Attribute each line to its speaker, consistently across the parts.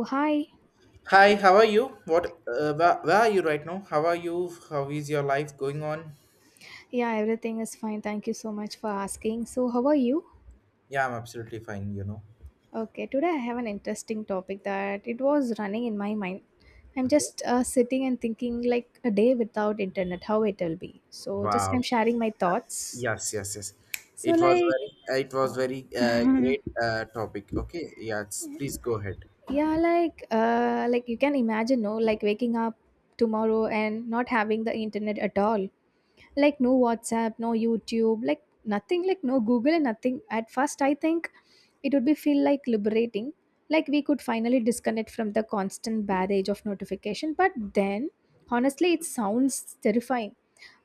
Speaker 1: Oh, hi.
Speaker 2: Hi, how are you? What, where are you right now? How are you? How is your life going on?
Speaker 1: Yeah, everything is fine. Thank you so much for asking. So, how are you?
Speaker 2: Yeah, I'm absolutely fine.
Speaker 1: Okay, today I have an interesting topic that it was running in my mind. I'm
Speaker 2: Okay.
Speaker 1: just sitting and thinking like a day without internet, how it will be. So, just I'm
Speaker 2: Wow.
Speaker 1: sharing my thoughts.
Speaker 2: Yes, yes, yes.
Speaker 1: So,
Speaker 2: It was
Speaker 1: like,
Speaker 2: it was very great topic. Okay. Yes, please go ahead.
Speaker 1: yeah, like you can imagine, no, like waking up tomorrow and not having the internet at all. Like no WhatsApp, no YouTube, like nothing, like no Google and nothing. At first, I think it would be feel like liberating, like we could finally disconnect from the constant barrage of notification. But then, honestly, it sounds terrifying.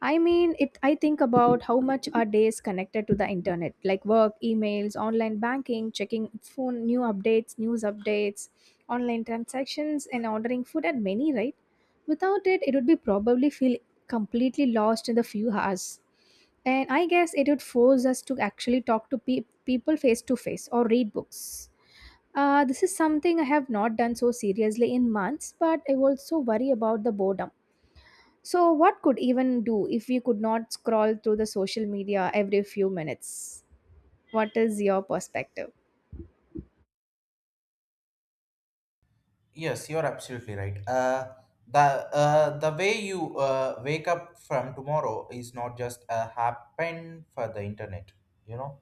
Speaker 1: I mean, it I think about how much our day is connected to the internet, like work emails, online banking, checking phone new updates, news updates, online transactions and ordering food and many, right? Without it, it would be probably feel completely lost in the few hours. And I guess it would force us to actually talk to people face to face or read books. This is something I have not done so seriously in months, but I also worry about the boredom. So, what could even do if we could not scroll through the social media every few minutes? What is your perspective?
Speaker 2: Yes, you're absolutely right. The way you wake up from tomorrow is not just happen for the internet. You know,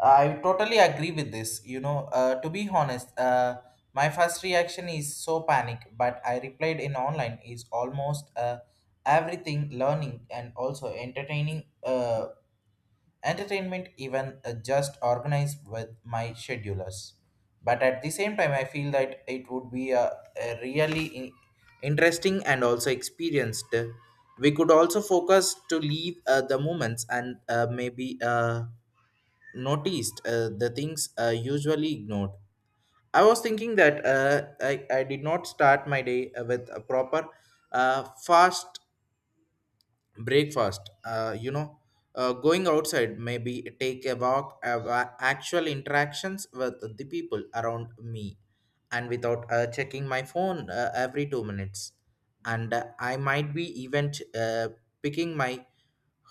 Speaker 2: I totally agree with this. To be honest, my first reaction is so panic. But I replied in online is almost everything learning and also entertaining. Entertainment even just organized with my schedulers, but at the same time I feel that it would be a really interesting and also experienced. We could also focus to leave the moments and maybe noticed the things usually ignored. I was thinking that I did not start my day with a proper fast breakfast, going outside, maybe take a walk, have actual interactions with the people around me and without checking my phone every 2 minutes. And I might be even uh, picking my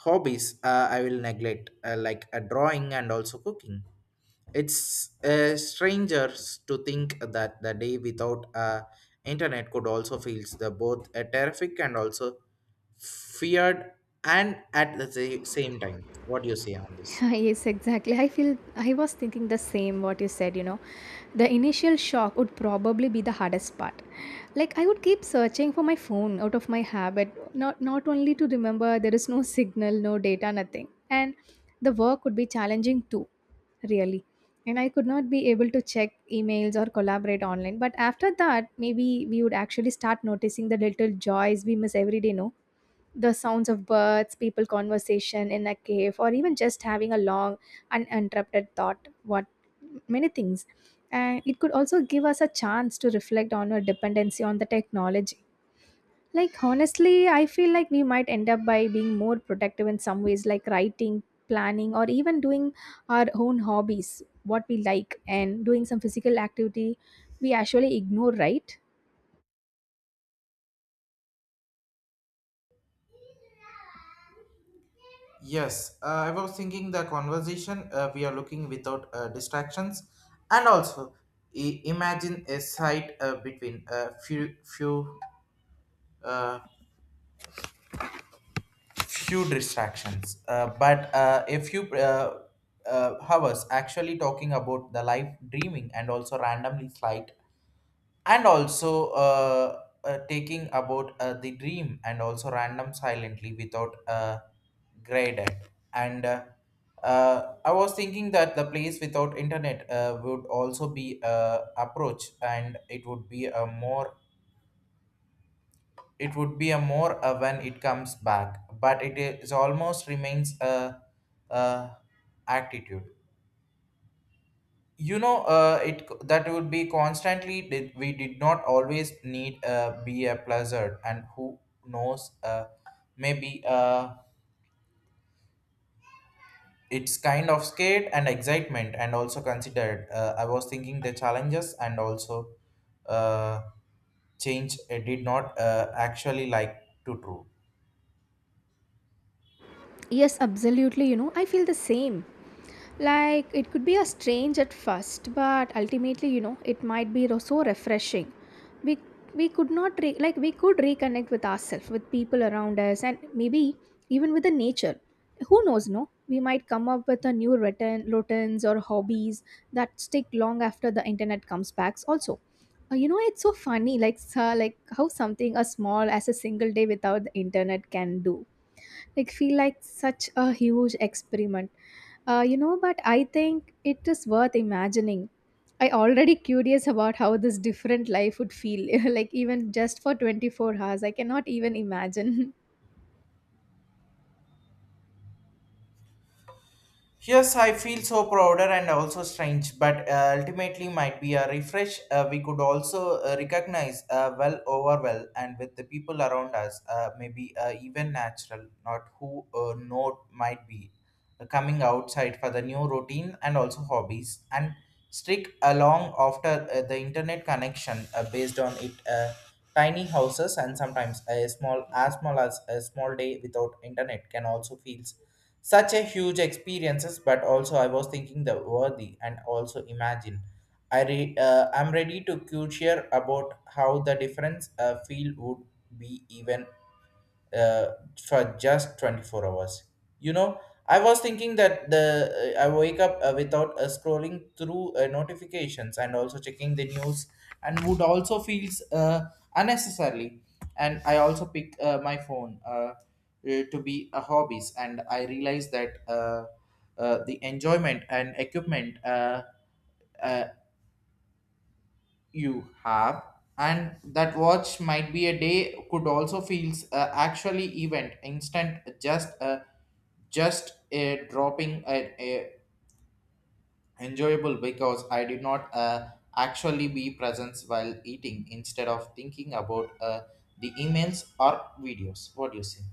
Speaker 2: hobbies I will neglect, like drawing and also cooking. It's strangers to think that the day without internet could also feel the both terrific and also feared and at the same time. What do you say on this?
Speaker 1: Yes, exactly. I feel I was thinking the same what you said, you know. The initial shock would probably be the hardest part. Like I would keep searching for my phone out of my habit, not only to remember there is no signal, no data, nothing. And the work would be challenging too, really. And I could not be able to check emails or collaborate online. But after that, maybe we would actually start noticing the little joys we miss every day, no? The sounds of birds, people conversation in a cave, or even just having a long, uninterrupted thought. What many things. And it could also give us a chance to reflect on our dependency on the technology. Like, honestly, I feel like we might end up by being more productive in some ways, like writing, planning, or even doing our own hobbies, what we like, and doing some physical activity we actually ignore, right?
Speaker 2: Yes, I was thinking the conversation we are looking without distractions, and also imagine a sight between a few few uh, few distractions, but a few hours actually talking about the life dreaming and also randomly flight and also taking about the dream and also random silently without graded. And I was thinking that the place without internet would also be approach, and it would be a more when it comes back, but it is almost remains a attitude, that would be constantly did. We did not always need be a pleasure, and who knows maybe it's kind of scared and excitement and also considered. I was thinking the challenges and also uh, change did not actually like to true.
Speaker 1: Yes, absolutely. You know, I feel the same. Like, it could be a strange at first, but ultimately, you know, it might be so refreshing. We, we could not, like, we could reconnect with ourselves, with people around us, and maybe even with the nature. Who knows, no? We might come up with a new routine, routines or hobbies that stick long after the internet comes back, also. You know, it's so funny, like, so, like how something as small as a single day without the internet can do like feel like such a huge experiment. You know, but I think it is worth imagining. I already curious about how this different life would feel. Like even just for 24 hours I cannot even imagine.
Speaker 2: Yes, I feel so prouder and also strange, but ultimately might be a refresh. We could also recognize well over well, and with the people around us, maybe even natural, not who know might be coming outside for the new routine and also hobbies and strict along after the internet connection based on it. Tiny houses and sometimes a small as a small day without internet can also feels such a huge experiences, but also I was thinking the worthy and also imagine. I'm ready to share about how the difference feel would be even uh, for just 24 hours. You know, I was thinking that the I wake up without scrolling through notifications and also checking the news and would also feels unnecessarily. And I also pick my phone to be a hobbies, and I realize that the enjoyment and equipment uh, you have, and that watch might be a day could also feels actually event instant just a dropping a enjoyable because I did not actually be present while eating instead of thinking about the emails or videos. What do you say?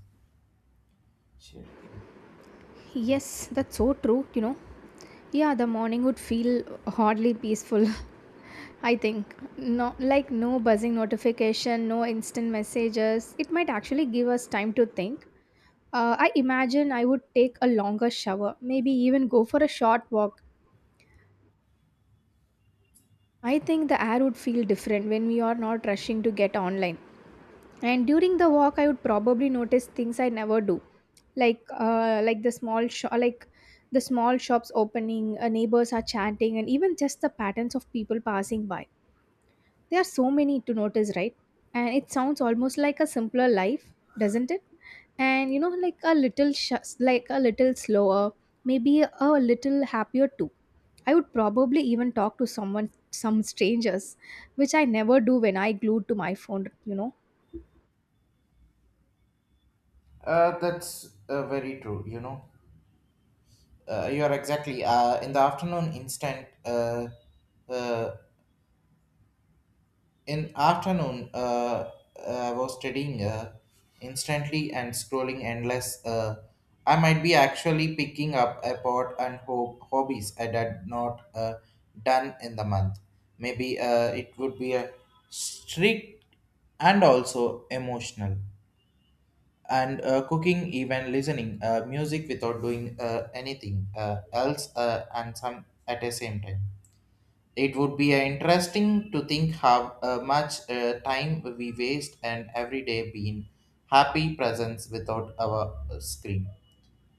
Speaker 2: Share the-
Speaker 1: Yes, that's so true, you know. Yeah, the morning would feel hardly peaceful. I think no, like no buzzing notification, no instant messages. It might actually give us time to think. I imagine I would take a longer shower, maybe even go for a short walk. I think the air would feel different when we are not rushing to get online. And during the walk, I would probably notice things I never do, like the small shop like the small shops opening, neighbors are chanting, and even just the patterns of people passing by. There are so many to notice, right? And it sounds almost like a simpler life, doesn't it? And you know, like a like a little slower, maybe a little happier too. I would probably even talk to someone, some strangers, which I never do when I glued to my phone, you know.
Speaker 2: that's very true. You are exactly in the afternoon instant uh, in afternoon I was studying instantly and scrolling endless. I might be actually picking up a pot and hobbies I had not done in the month. Maybe it would be a strict and also emotional. And cooking, even listening music without doing anything else, and some at the same time it would be interesting to think how much time we waste, and every day being happy presence without our screen.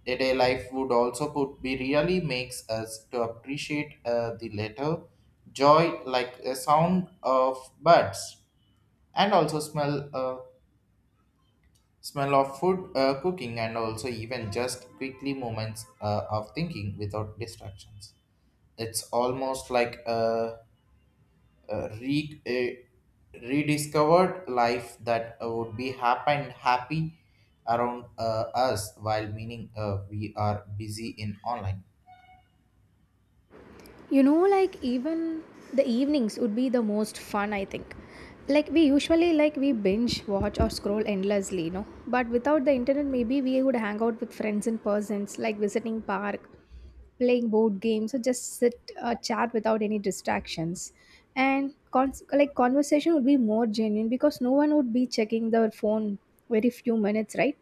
Speaker 2: A day life would also put be really makes us to appreciate the letter joy, like a sound of birds and also smell smell of food cooking and also even just quickly moments of thinking without distractions. It's almost like a rediscovered life that would be happy and happy around us while meaning we are busy in online.
Speaker 1: You know, like even the evenings would be the most fun, I think. Like we usually we binge watch or scroll endlessly, you know. But without the internet, maybe we would hang out with friends in persons, like visiting park, playing board games, or just sit chat without any distractions. And like conversation would be more genuine because no one would be checking their phone very few minutes, right?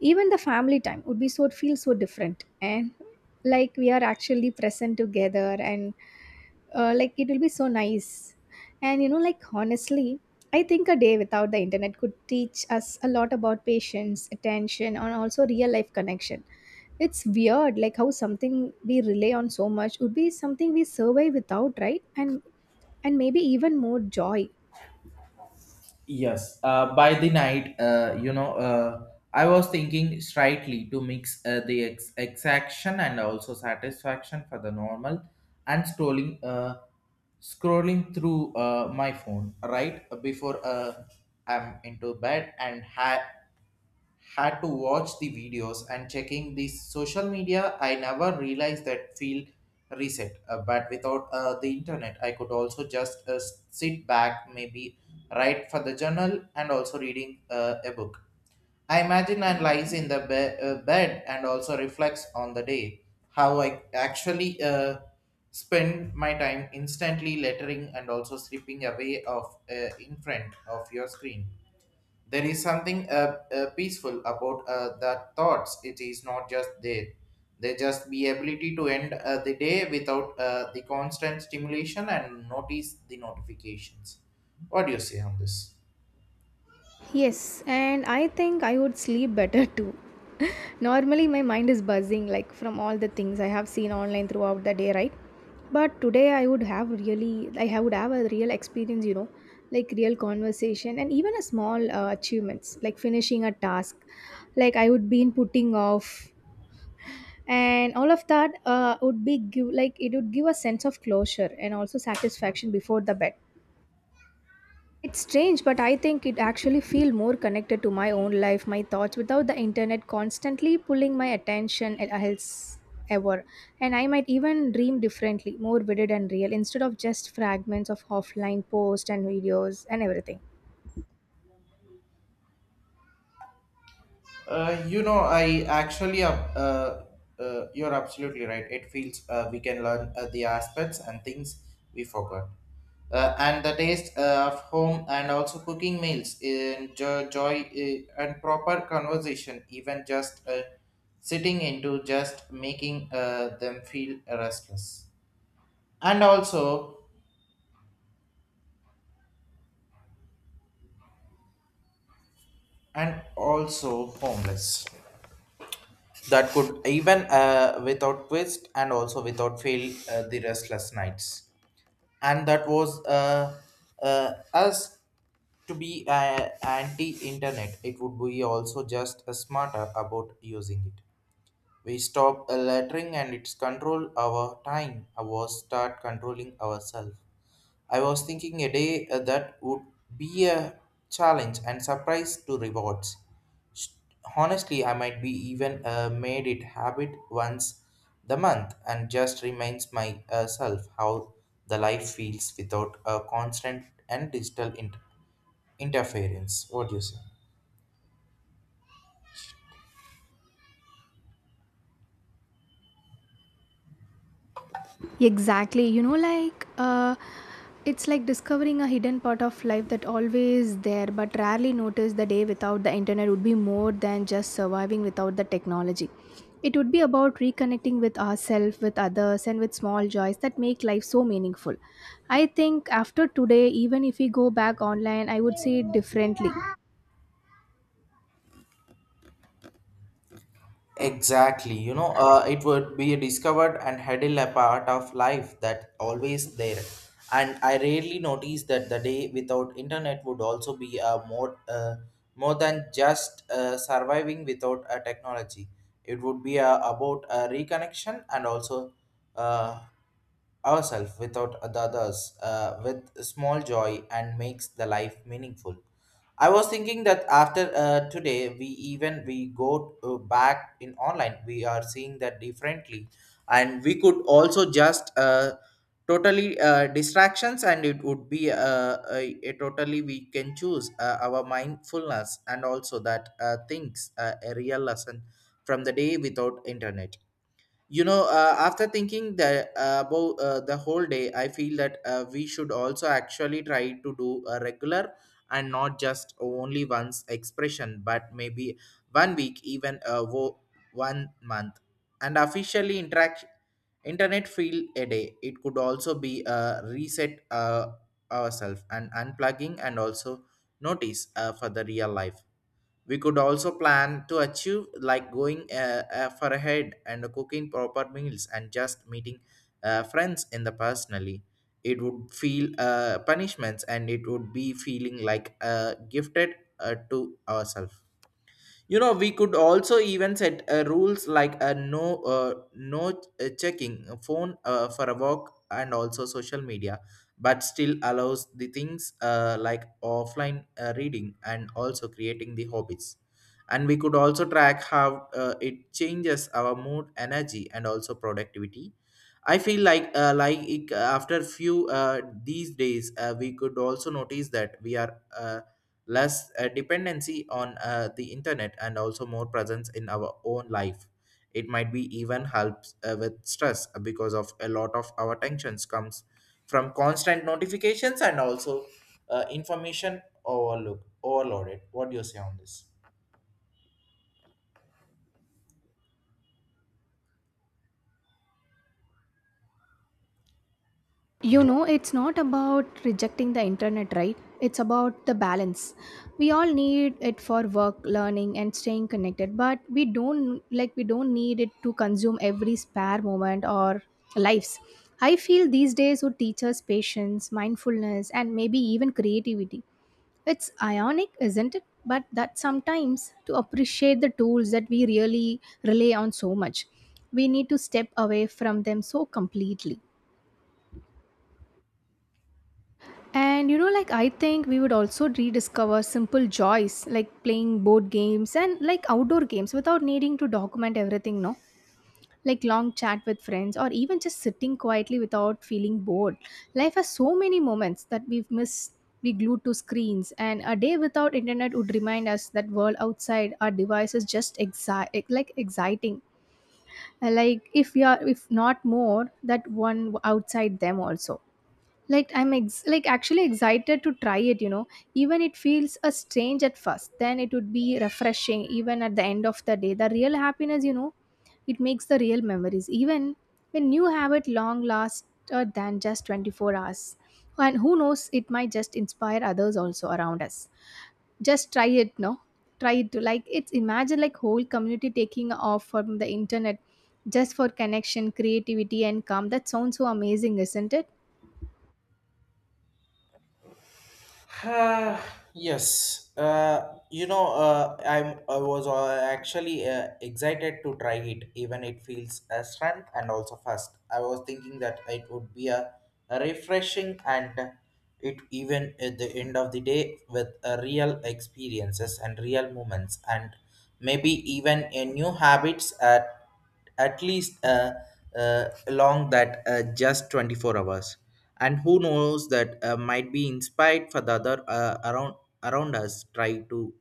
Speaker 1: Even the family time would be so feel so different, and like we are actually present together. And like it will be so nice. And you know, like honestly, I think a day without the internet could teach us a lot about patience, attention, and also real life connection. It's weird like how something we rely on so much would be something we survive without, right? And maybe even more joy.
Speaker 2: Yes, by the night, I was thinking slightly to mix the exaction and also satisfaction for the normal and scrolling through my phone right before I'm into bed and had to watch the videos and checking the social media. I never realized that feel reset. But without the internet I could also just sit back, maybe write for the journal and also reading a book. I imagine I lies in the bed and also reflects on the day how I actually spend my time instantly lettering and also slipping away of in front of your screen. There is something peaceful about the thoughts. It is not just there. They just be ability to end the day without the constant stimulation and notice the notifications. What do you say on this?
Speaker 1: Yes, and I think I would sleep better too. Normally, my mind is buzzing like from all the things I have seen online throughout the day, right? But today, I would have really, would have a real experience, you know, like real conversation and even a small achievements, like finishing a task, like I would be in putting off, and all of that would be give like it would give a sense of closure and also satisfaction before the bed. It's strange, but I think it actually feel more connected to my own life, my thoughts without the internet constantly pulling my attention else ever. And I might even dream differently, more vivid and real, instead of just fragments of offline posts and videos and everything.
Speaker 2: Uh, you know, I actually, uh, uh, you're absolutely right. It feels we can learn the aspects and things we forgot. And the taste of home and also cooking meals in joy, and proper conversation, even just sitting into just making them feel restless. And also, and also homeless. That could even without twist and also without fail the restless nights, and that was us to be anti-internet. It would be also just smarter about using it. We stop lettering and it's control our time. Our start controlling ourselves. I was thinking a day that would be a challenge and surprise to rewards. Sh- Honestly, I might be even made it habit once the month and just reminds myself how the life feels without a constant and digital interference. What do you say?
Speaker 1: Exactly. You know, like it's like discovering a hidden part of life that always there but rarely noticed. The day without the internet would be more than just surviving without the technology. It would be about reconnecting with ourselves, with others, and with small joys that make life so meaningful. I think after today, even if we go back online, I would see it differently.
Speaker 2: Exactly, you know, it would be discovered and held a part of life that always there. And I rarely noticed that the day without internet would also be a more than just surviving without a technology. It would be about a reconnection and also uh, ourselves without the others with small joy and makes the life meaningful. I was thinking that after today, we even we go back in online, we are seeing that differently, and we could also just totally distractions, and it would be a totally we can choose our mindfulness and also that things a real lesson from the day without internet. After thinking that about the whole day, I feel that we should also actually try to do a regular and not just only once expression, but maybe one week, even one month, and officially interact internet feel a day. It could also be a reset ourselves and unplugging and also notice for the real life. We could also plan to achieve, like going for ahead and cooking proper meals and just meeting friends in the personally. It would feel punishments, and it would be feeling like gifted to ourselves. You know, we could also even set rules like a no checking a phone for a walk and also social media, but still allows the things like offline reading and also creating the hobbies. And we could also track how it changes our mood, energy, and also productivity. I feel like after few these days, we could also notice that we are. Less dependency on the internet and also more presence in our own life. It might be even helps with stress because of a lot of our tensions comes from constant notifications and also information overlook overloaded. What do you say on this?
Speaker 1: You know, it's not about rejecting the internet, right? It's about the balance. We all need it for work, learning, and staying connected, but we don't need it to consume every spare moment or lives. I feel these days would teach us patience, mindfulness, and maybe even creativity. It's ionic, isn't it? But that sometimes to appreciate the tools that we really rely on so much, we need to step away from them so completely. And you know, like I think we would also rediscover simple joys like playing board games and like outdoor games without needing to document everything, no? Like long chat with friends or even just sitting quietly without feeling bored. Life has so many moments that we've missed, we glued to screens, and a day without internet would remind us that world outside our device is just like exciting. Like if we are if not more that one outside them also, like I'm like actually excited to try it, you know. Even it feels a strange at first, then it would be refreshing even at the end of the day. The real happiness, you know, it makes the real memories even when you have it long last, than just 24 hours. And who knows, it might just inspire others also around us. Just try it, no? Try it to like it's imagine like whole community taking off from the internet just for connection, creativity and calm. That sounds so amazing, isn't it?
Speaker 2: Uh, yes. You know, I was actually excited to try it, even it feels a strength and also fast. I was thinking that it would be a refreshing, and it even at the end of the day with a real experiences and real moments and maybe even a new habits. At least along that just 24 hours. And who knows that might be inspired for the other around us. Try to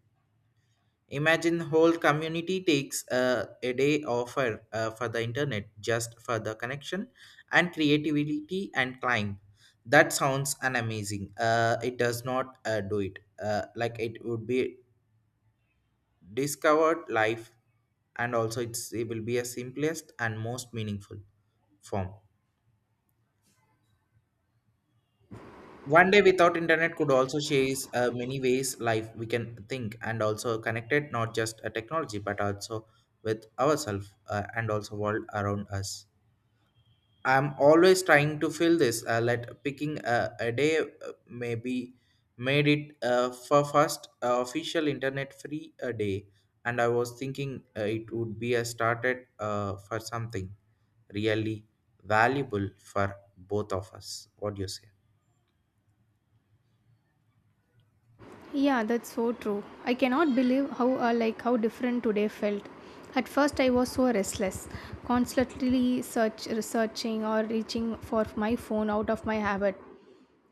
Speaker 2: imagine whole community takes a day offer for the internet, just for the connection and creativity and climb. That sounds an amazing, it does not do it like it would be discovered life. And also it will be a simplest and most meaningful form. One day without internet could also chase many ways life we can think, and also connected not just a technology but also with ourselves, and also world around us. I'm always trying to fill this. Let picking a day maybe made it for first official internet free a day, and I was thinking it would be a started for something really valuable for both of us. What do you say?
Speaker 1: Yeah, that's so true. I cannot believe how like how different today felt. At first, I was so restless, constantly search researching or reaching for my phone out of my habit.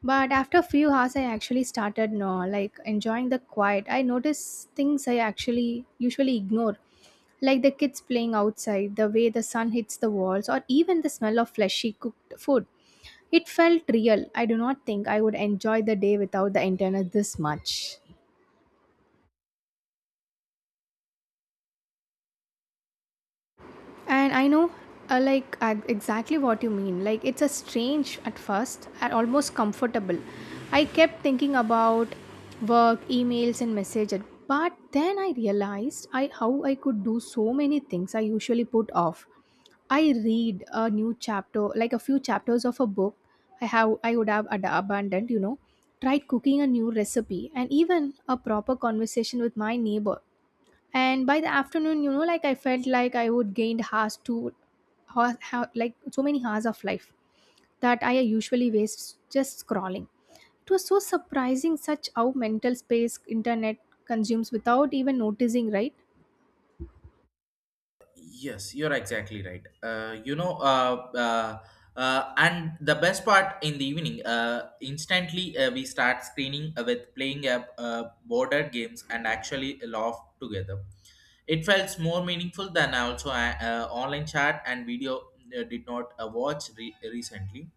Speaker 1: But after a few hours, I actually started no like enjoying the quiet. I noticed things I actually usually ignore, like the kids playing outside, the way the sun hits the walls, or even the smell of fleshy cooked food. It felt real. I do not think I would enjoy the day without the internet this much. And I know, like, exactly what you mean. Like, it's a strange at first, and almost comfortable. I kept thinking about work, emails, and messages. But then I realized I how I could do so many things I usually put off. I read a new chapter, like a few chapters of a book I would have abandoned, you know, tried cooking a new recipe and even a proper conversation with my neighbor. And by the afternoon, you know, like I felt like I would gained hours to like so many hours of life that I usually waste just scrolling. It was so surprising such how mental space internet consumes without even noticing, right?
Speaker 2: Yes, you're exactly right. And the best part in the evening, instantly we start screening with playing, border games, and actually laugh together. It felt more meaningful than also online chat and video. Did not watch recently.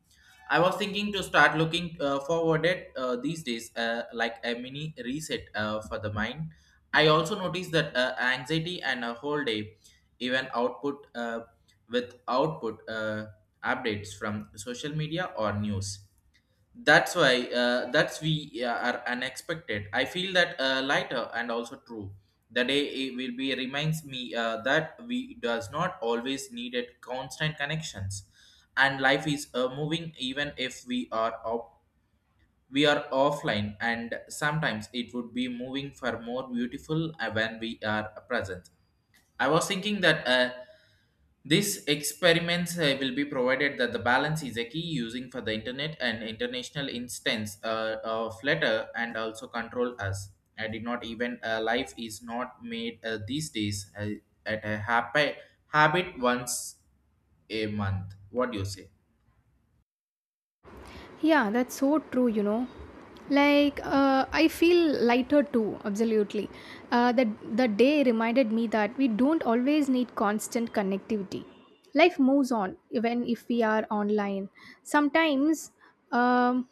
Speaker 2: I was thinking to start looking forward at these days, like a mini reset for the mind. I also noticed that anxiety and a whole day, even output, with output updates from social media or news. That's why that's we are unexpected. I feel that lighter and also true. The day it will be reminds me that we does not always needed constant connections, and life is moving even if we are offline, and sometimes it would be moving for more beautiful when we are present. I was thinking that. These experiments will be provided that the balance is a key using for the internet and international instance of letter and also control us. I did not even life is not made these days at a happy habit once a month. What do you say?
Speaker 1: Yeah, that's so true, you know. Like, I feel lighter too, absolutely. The day reminded me that we don't always need constant connectivity. Life moves on, even if we are online. Sometimes um,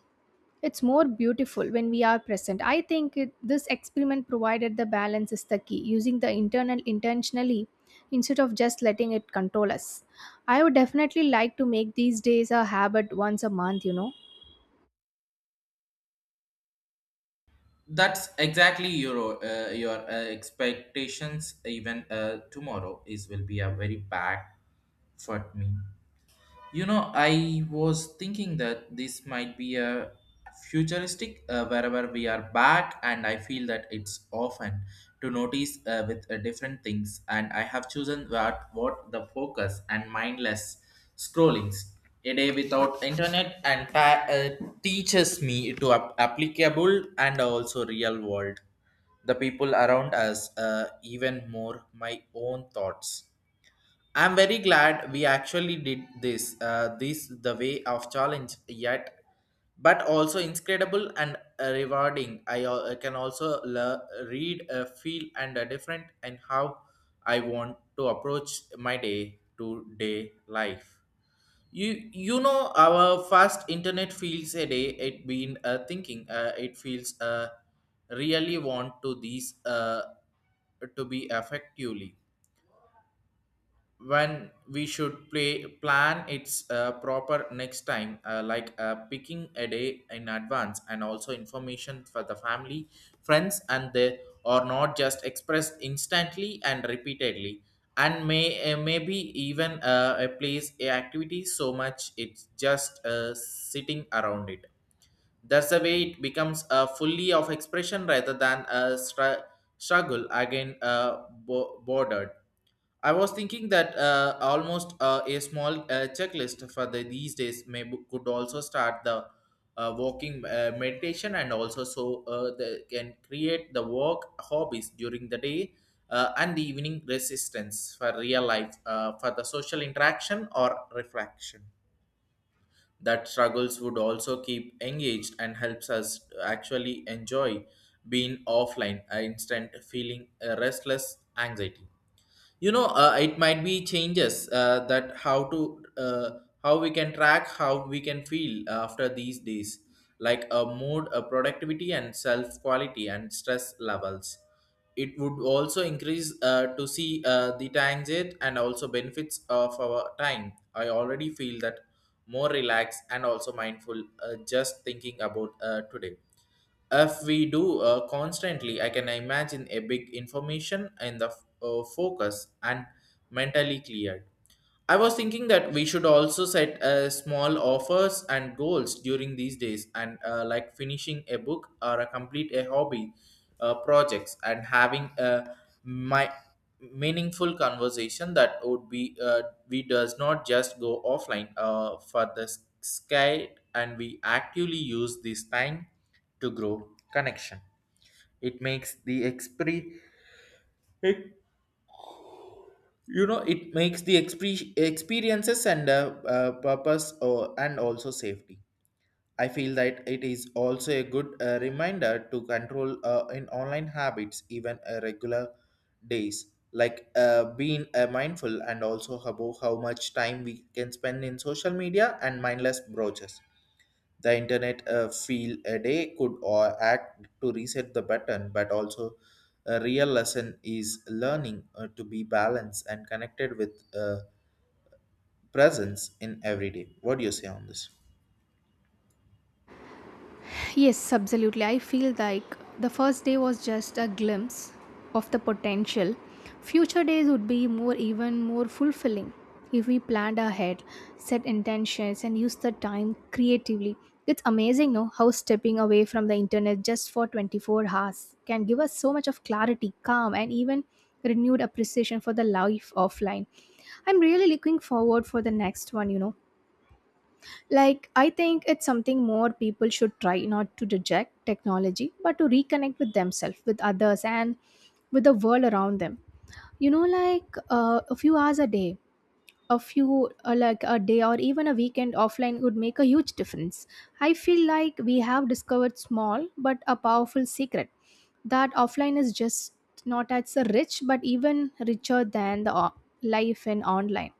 Speaker 1: it's more beautiful when we are present. I think this experiment provided the balance is the key, using the internal intentionally instead of just letting it control us. I would definitely like to make these days a habit once a month, you know.
Speaker 2: That's exactly your expectations. Even tomorrow is will be a very bad for me. You know, I was thinking that this might be a futuristic wherever we are back, and I feel that it's often to notice with different things. And I have chosen what the focus and mindless scrollings a day without internet and teaches me to applicable and also real world the people around us, even more my own thoughts. I'm very glad we actually did this. This the way of challenge yet, but also incredible and rewarding. I can also read, feel, and different, and how I want to approach my day to day life. You know our first internet feels a day it been thinking it feels really want to these to be effectively when we should play plan its proper next time, like picking a day in advance, and also information for the family friends, and they are not just expressed instantly and repeatedly. And maybe even a place a activity so much it's just sitting around it. That's the way it becomes a fully of expression rather than a struggle again, bordered. I was thinking that almost a small checklist for these days could also start the walking meditation, and also so they can create the work hobbies during the day, and the evening resistance for real life, for the social interaction or reflection. That struggles would also keep engaged and helps us to actually enjoy being offline, instant feeling restless anxiety. You know, it might be changes that how we can track how we can feel after these days, like a mood, a productivity, and self quality, and stress levels. It would also increase to see the times it and also benefits of our time. I already feel that more relaxed and also mindful, just thinking about today. If we do constantly, I can imagine a big information in the focus and mentally cleared. I was thinking that we should also set small offers and goals during these days, and like finishing a book or a complete a hobby projects, and having a my meaningful conversation. That would be, we does not just go offline for the sky, and we actively use this time to grow connection. It makes the exp It makes the experiences and purpose or, and also safety. I feel that it is also a good reminder to control, in online habits even regular days, like being mindful and also about how much time we can spend in social media and mindless browsers. The internet, feel a day could or act to reset the button, but also a real lesson is learning to be balanced and connected with, presence in every day. What do you say on this?
Speaker 1: Yes, absolutely. I feel like the first day was just a glimpse of the potential. Future days would be more, even more fulfilling if we planned ahead, set intentions, and used the time creatively. It's amazing, no, how stepping away from the internet just for 24 hours can give us so much of clarity, calm, and even renewed appreciation for the life offline. I'm really looking forward for the next one, you know, like, I think it's something more people should try not to reject technology, but to reconnect with themselves, with others, and with the world around them. You know, like a few hours a day, a few like a day or even a weekend offline would make a huge difference. I feel like we have discovered small but a powerful secret that offline is just not as rich but even richer than the life in online.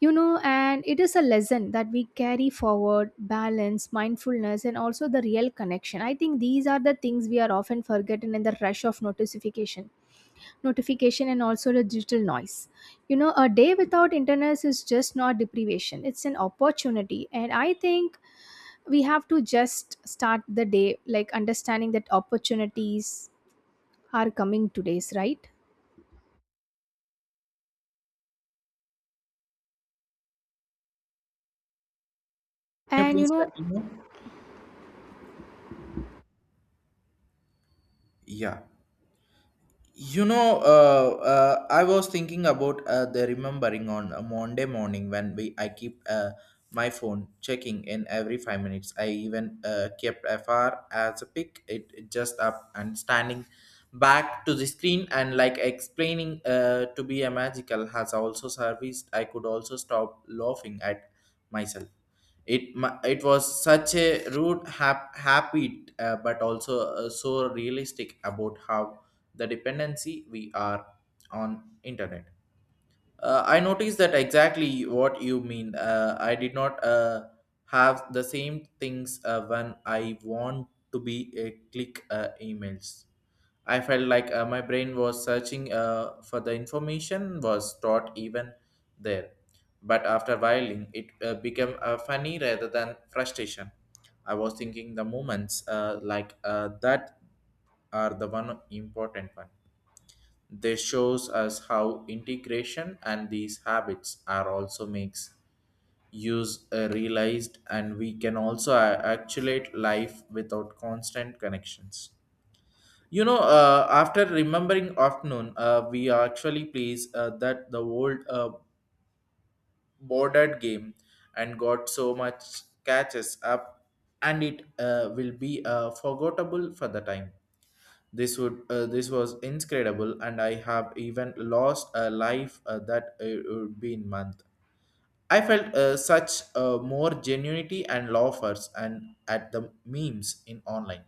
Speaker 1: You know, and it is a lesson that we carry forward balance, mindfulness, and also the real connection. I think these are the things we are often forgotten in the rush of notification and also the digital noise. You know, a day without internet is just not deprivation, it's an opportunity. And I think we have to just start the day like understanding that opportunities are coming today's, right?
Speaker 2: Can you
Speaker 1: And you
Speaker 2: please
Speaker 1: know,
Speaker 2: continue? Yeah. You know, I was thinking about the remembering on a Monday morning when we I keep my phone checking in every 5 minutes. I even kept FR as a pick it just up and standing back to the screen and like explaining to be a magical has also serviced. I could also stop laughing at myself. It it was such a rude happy, but also so realistic about how the dependency we are on internet. I noticed that exactly what you mean. I did not have the same things when I want to be a click, emails. I felt like my brain was searching for the information was taught even there. But after whiling, it became funny rather than frustration. I was thinking the moments like that are the one important one. This shows us how integration and these habits are also makes use realized, and we can also actuate life without constant connections. You know, after remembering afternoon, we are actually pleased that the old bordered game and got so much catches up, and it will be forgettable for the time. This was incredible, and I have even lost a life that it would be in month. I felt such more genuinity and laughers and at the memes in online.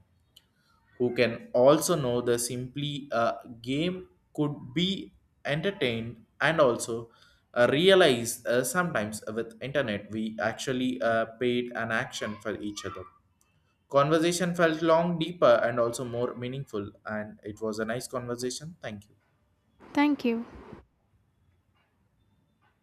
Speaker 2: Who can also know the simply a game could be entertained and also, realize, sometimes with internet we actually paid an action for each other. Conversation felt long deeper and also more meaningful, and it was a nice conversation. Thank you.
Speaker 1: thank you.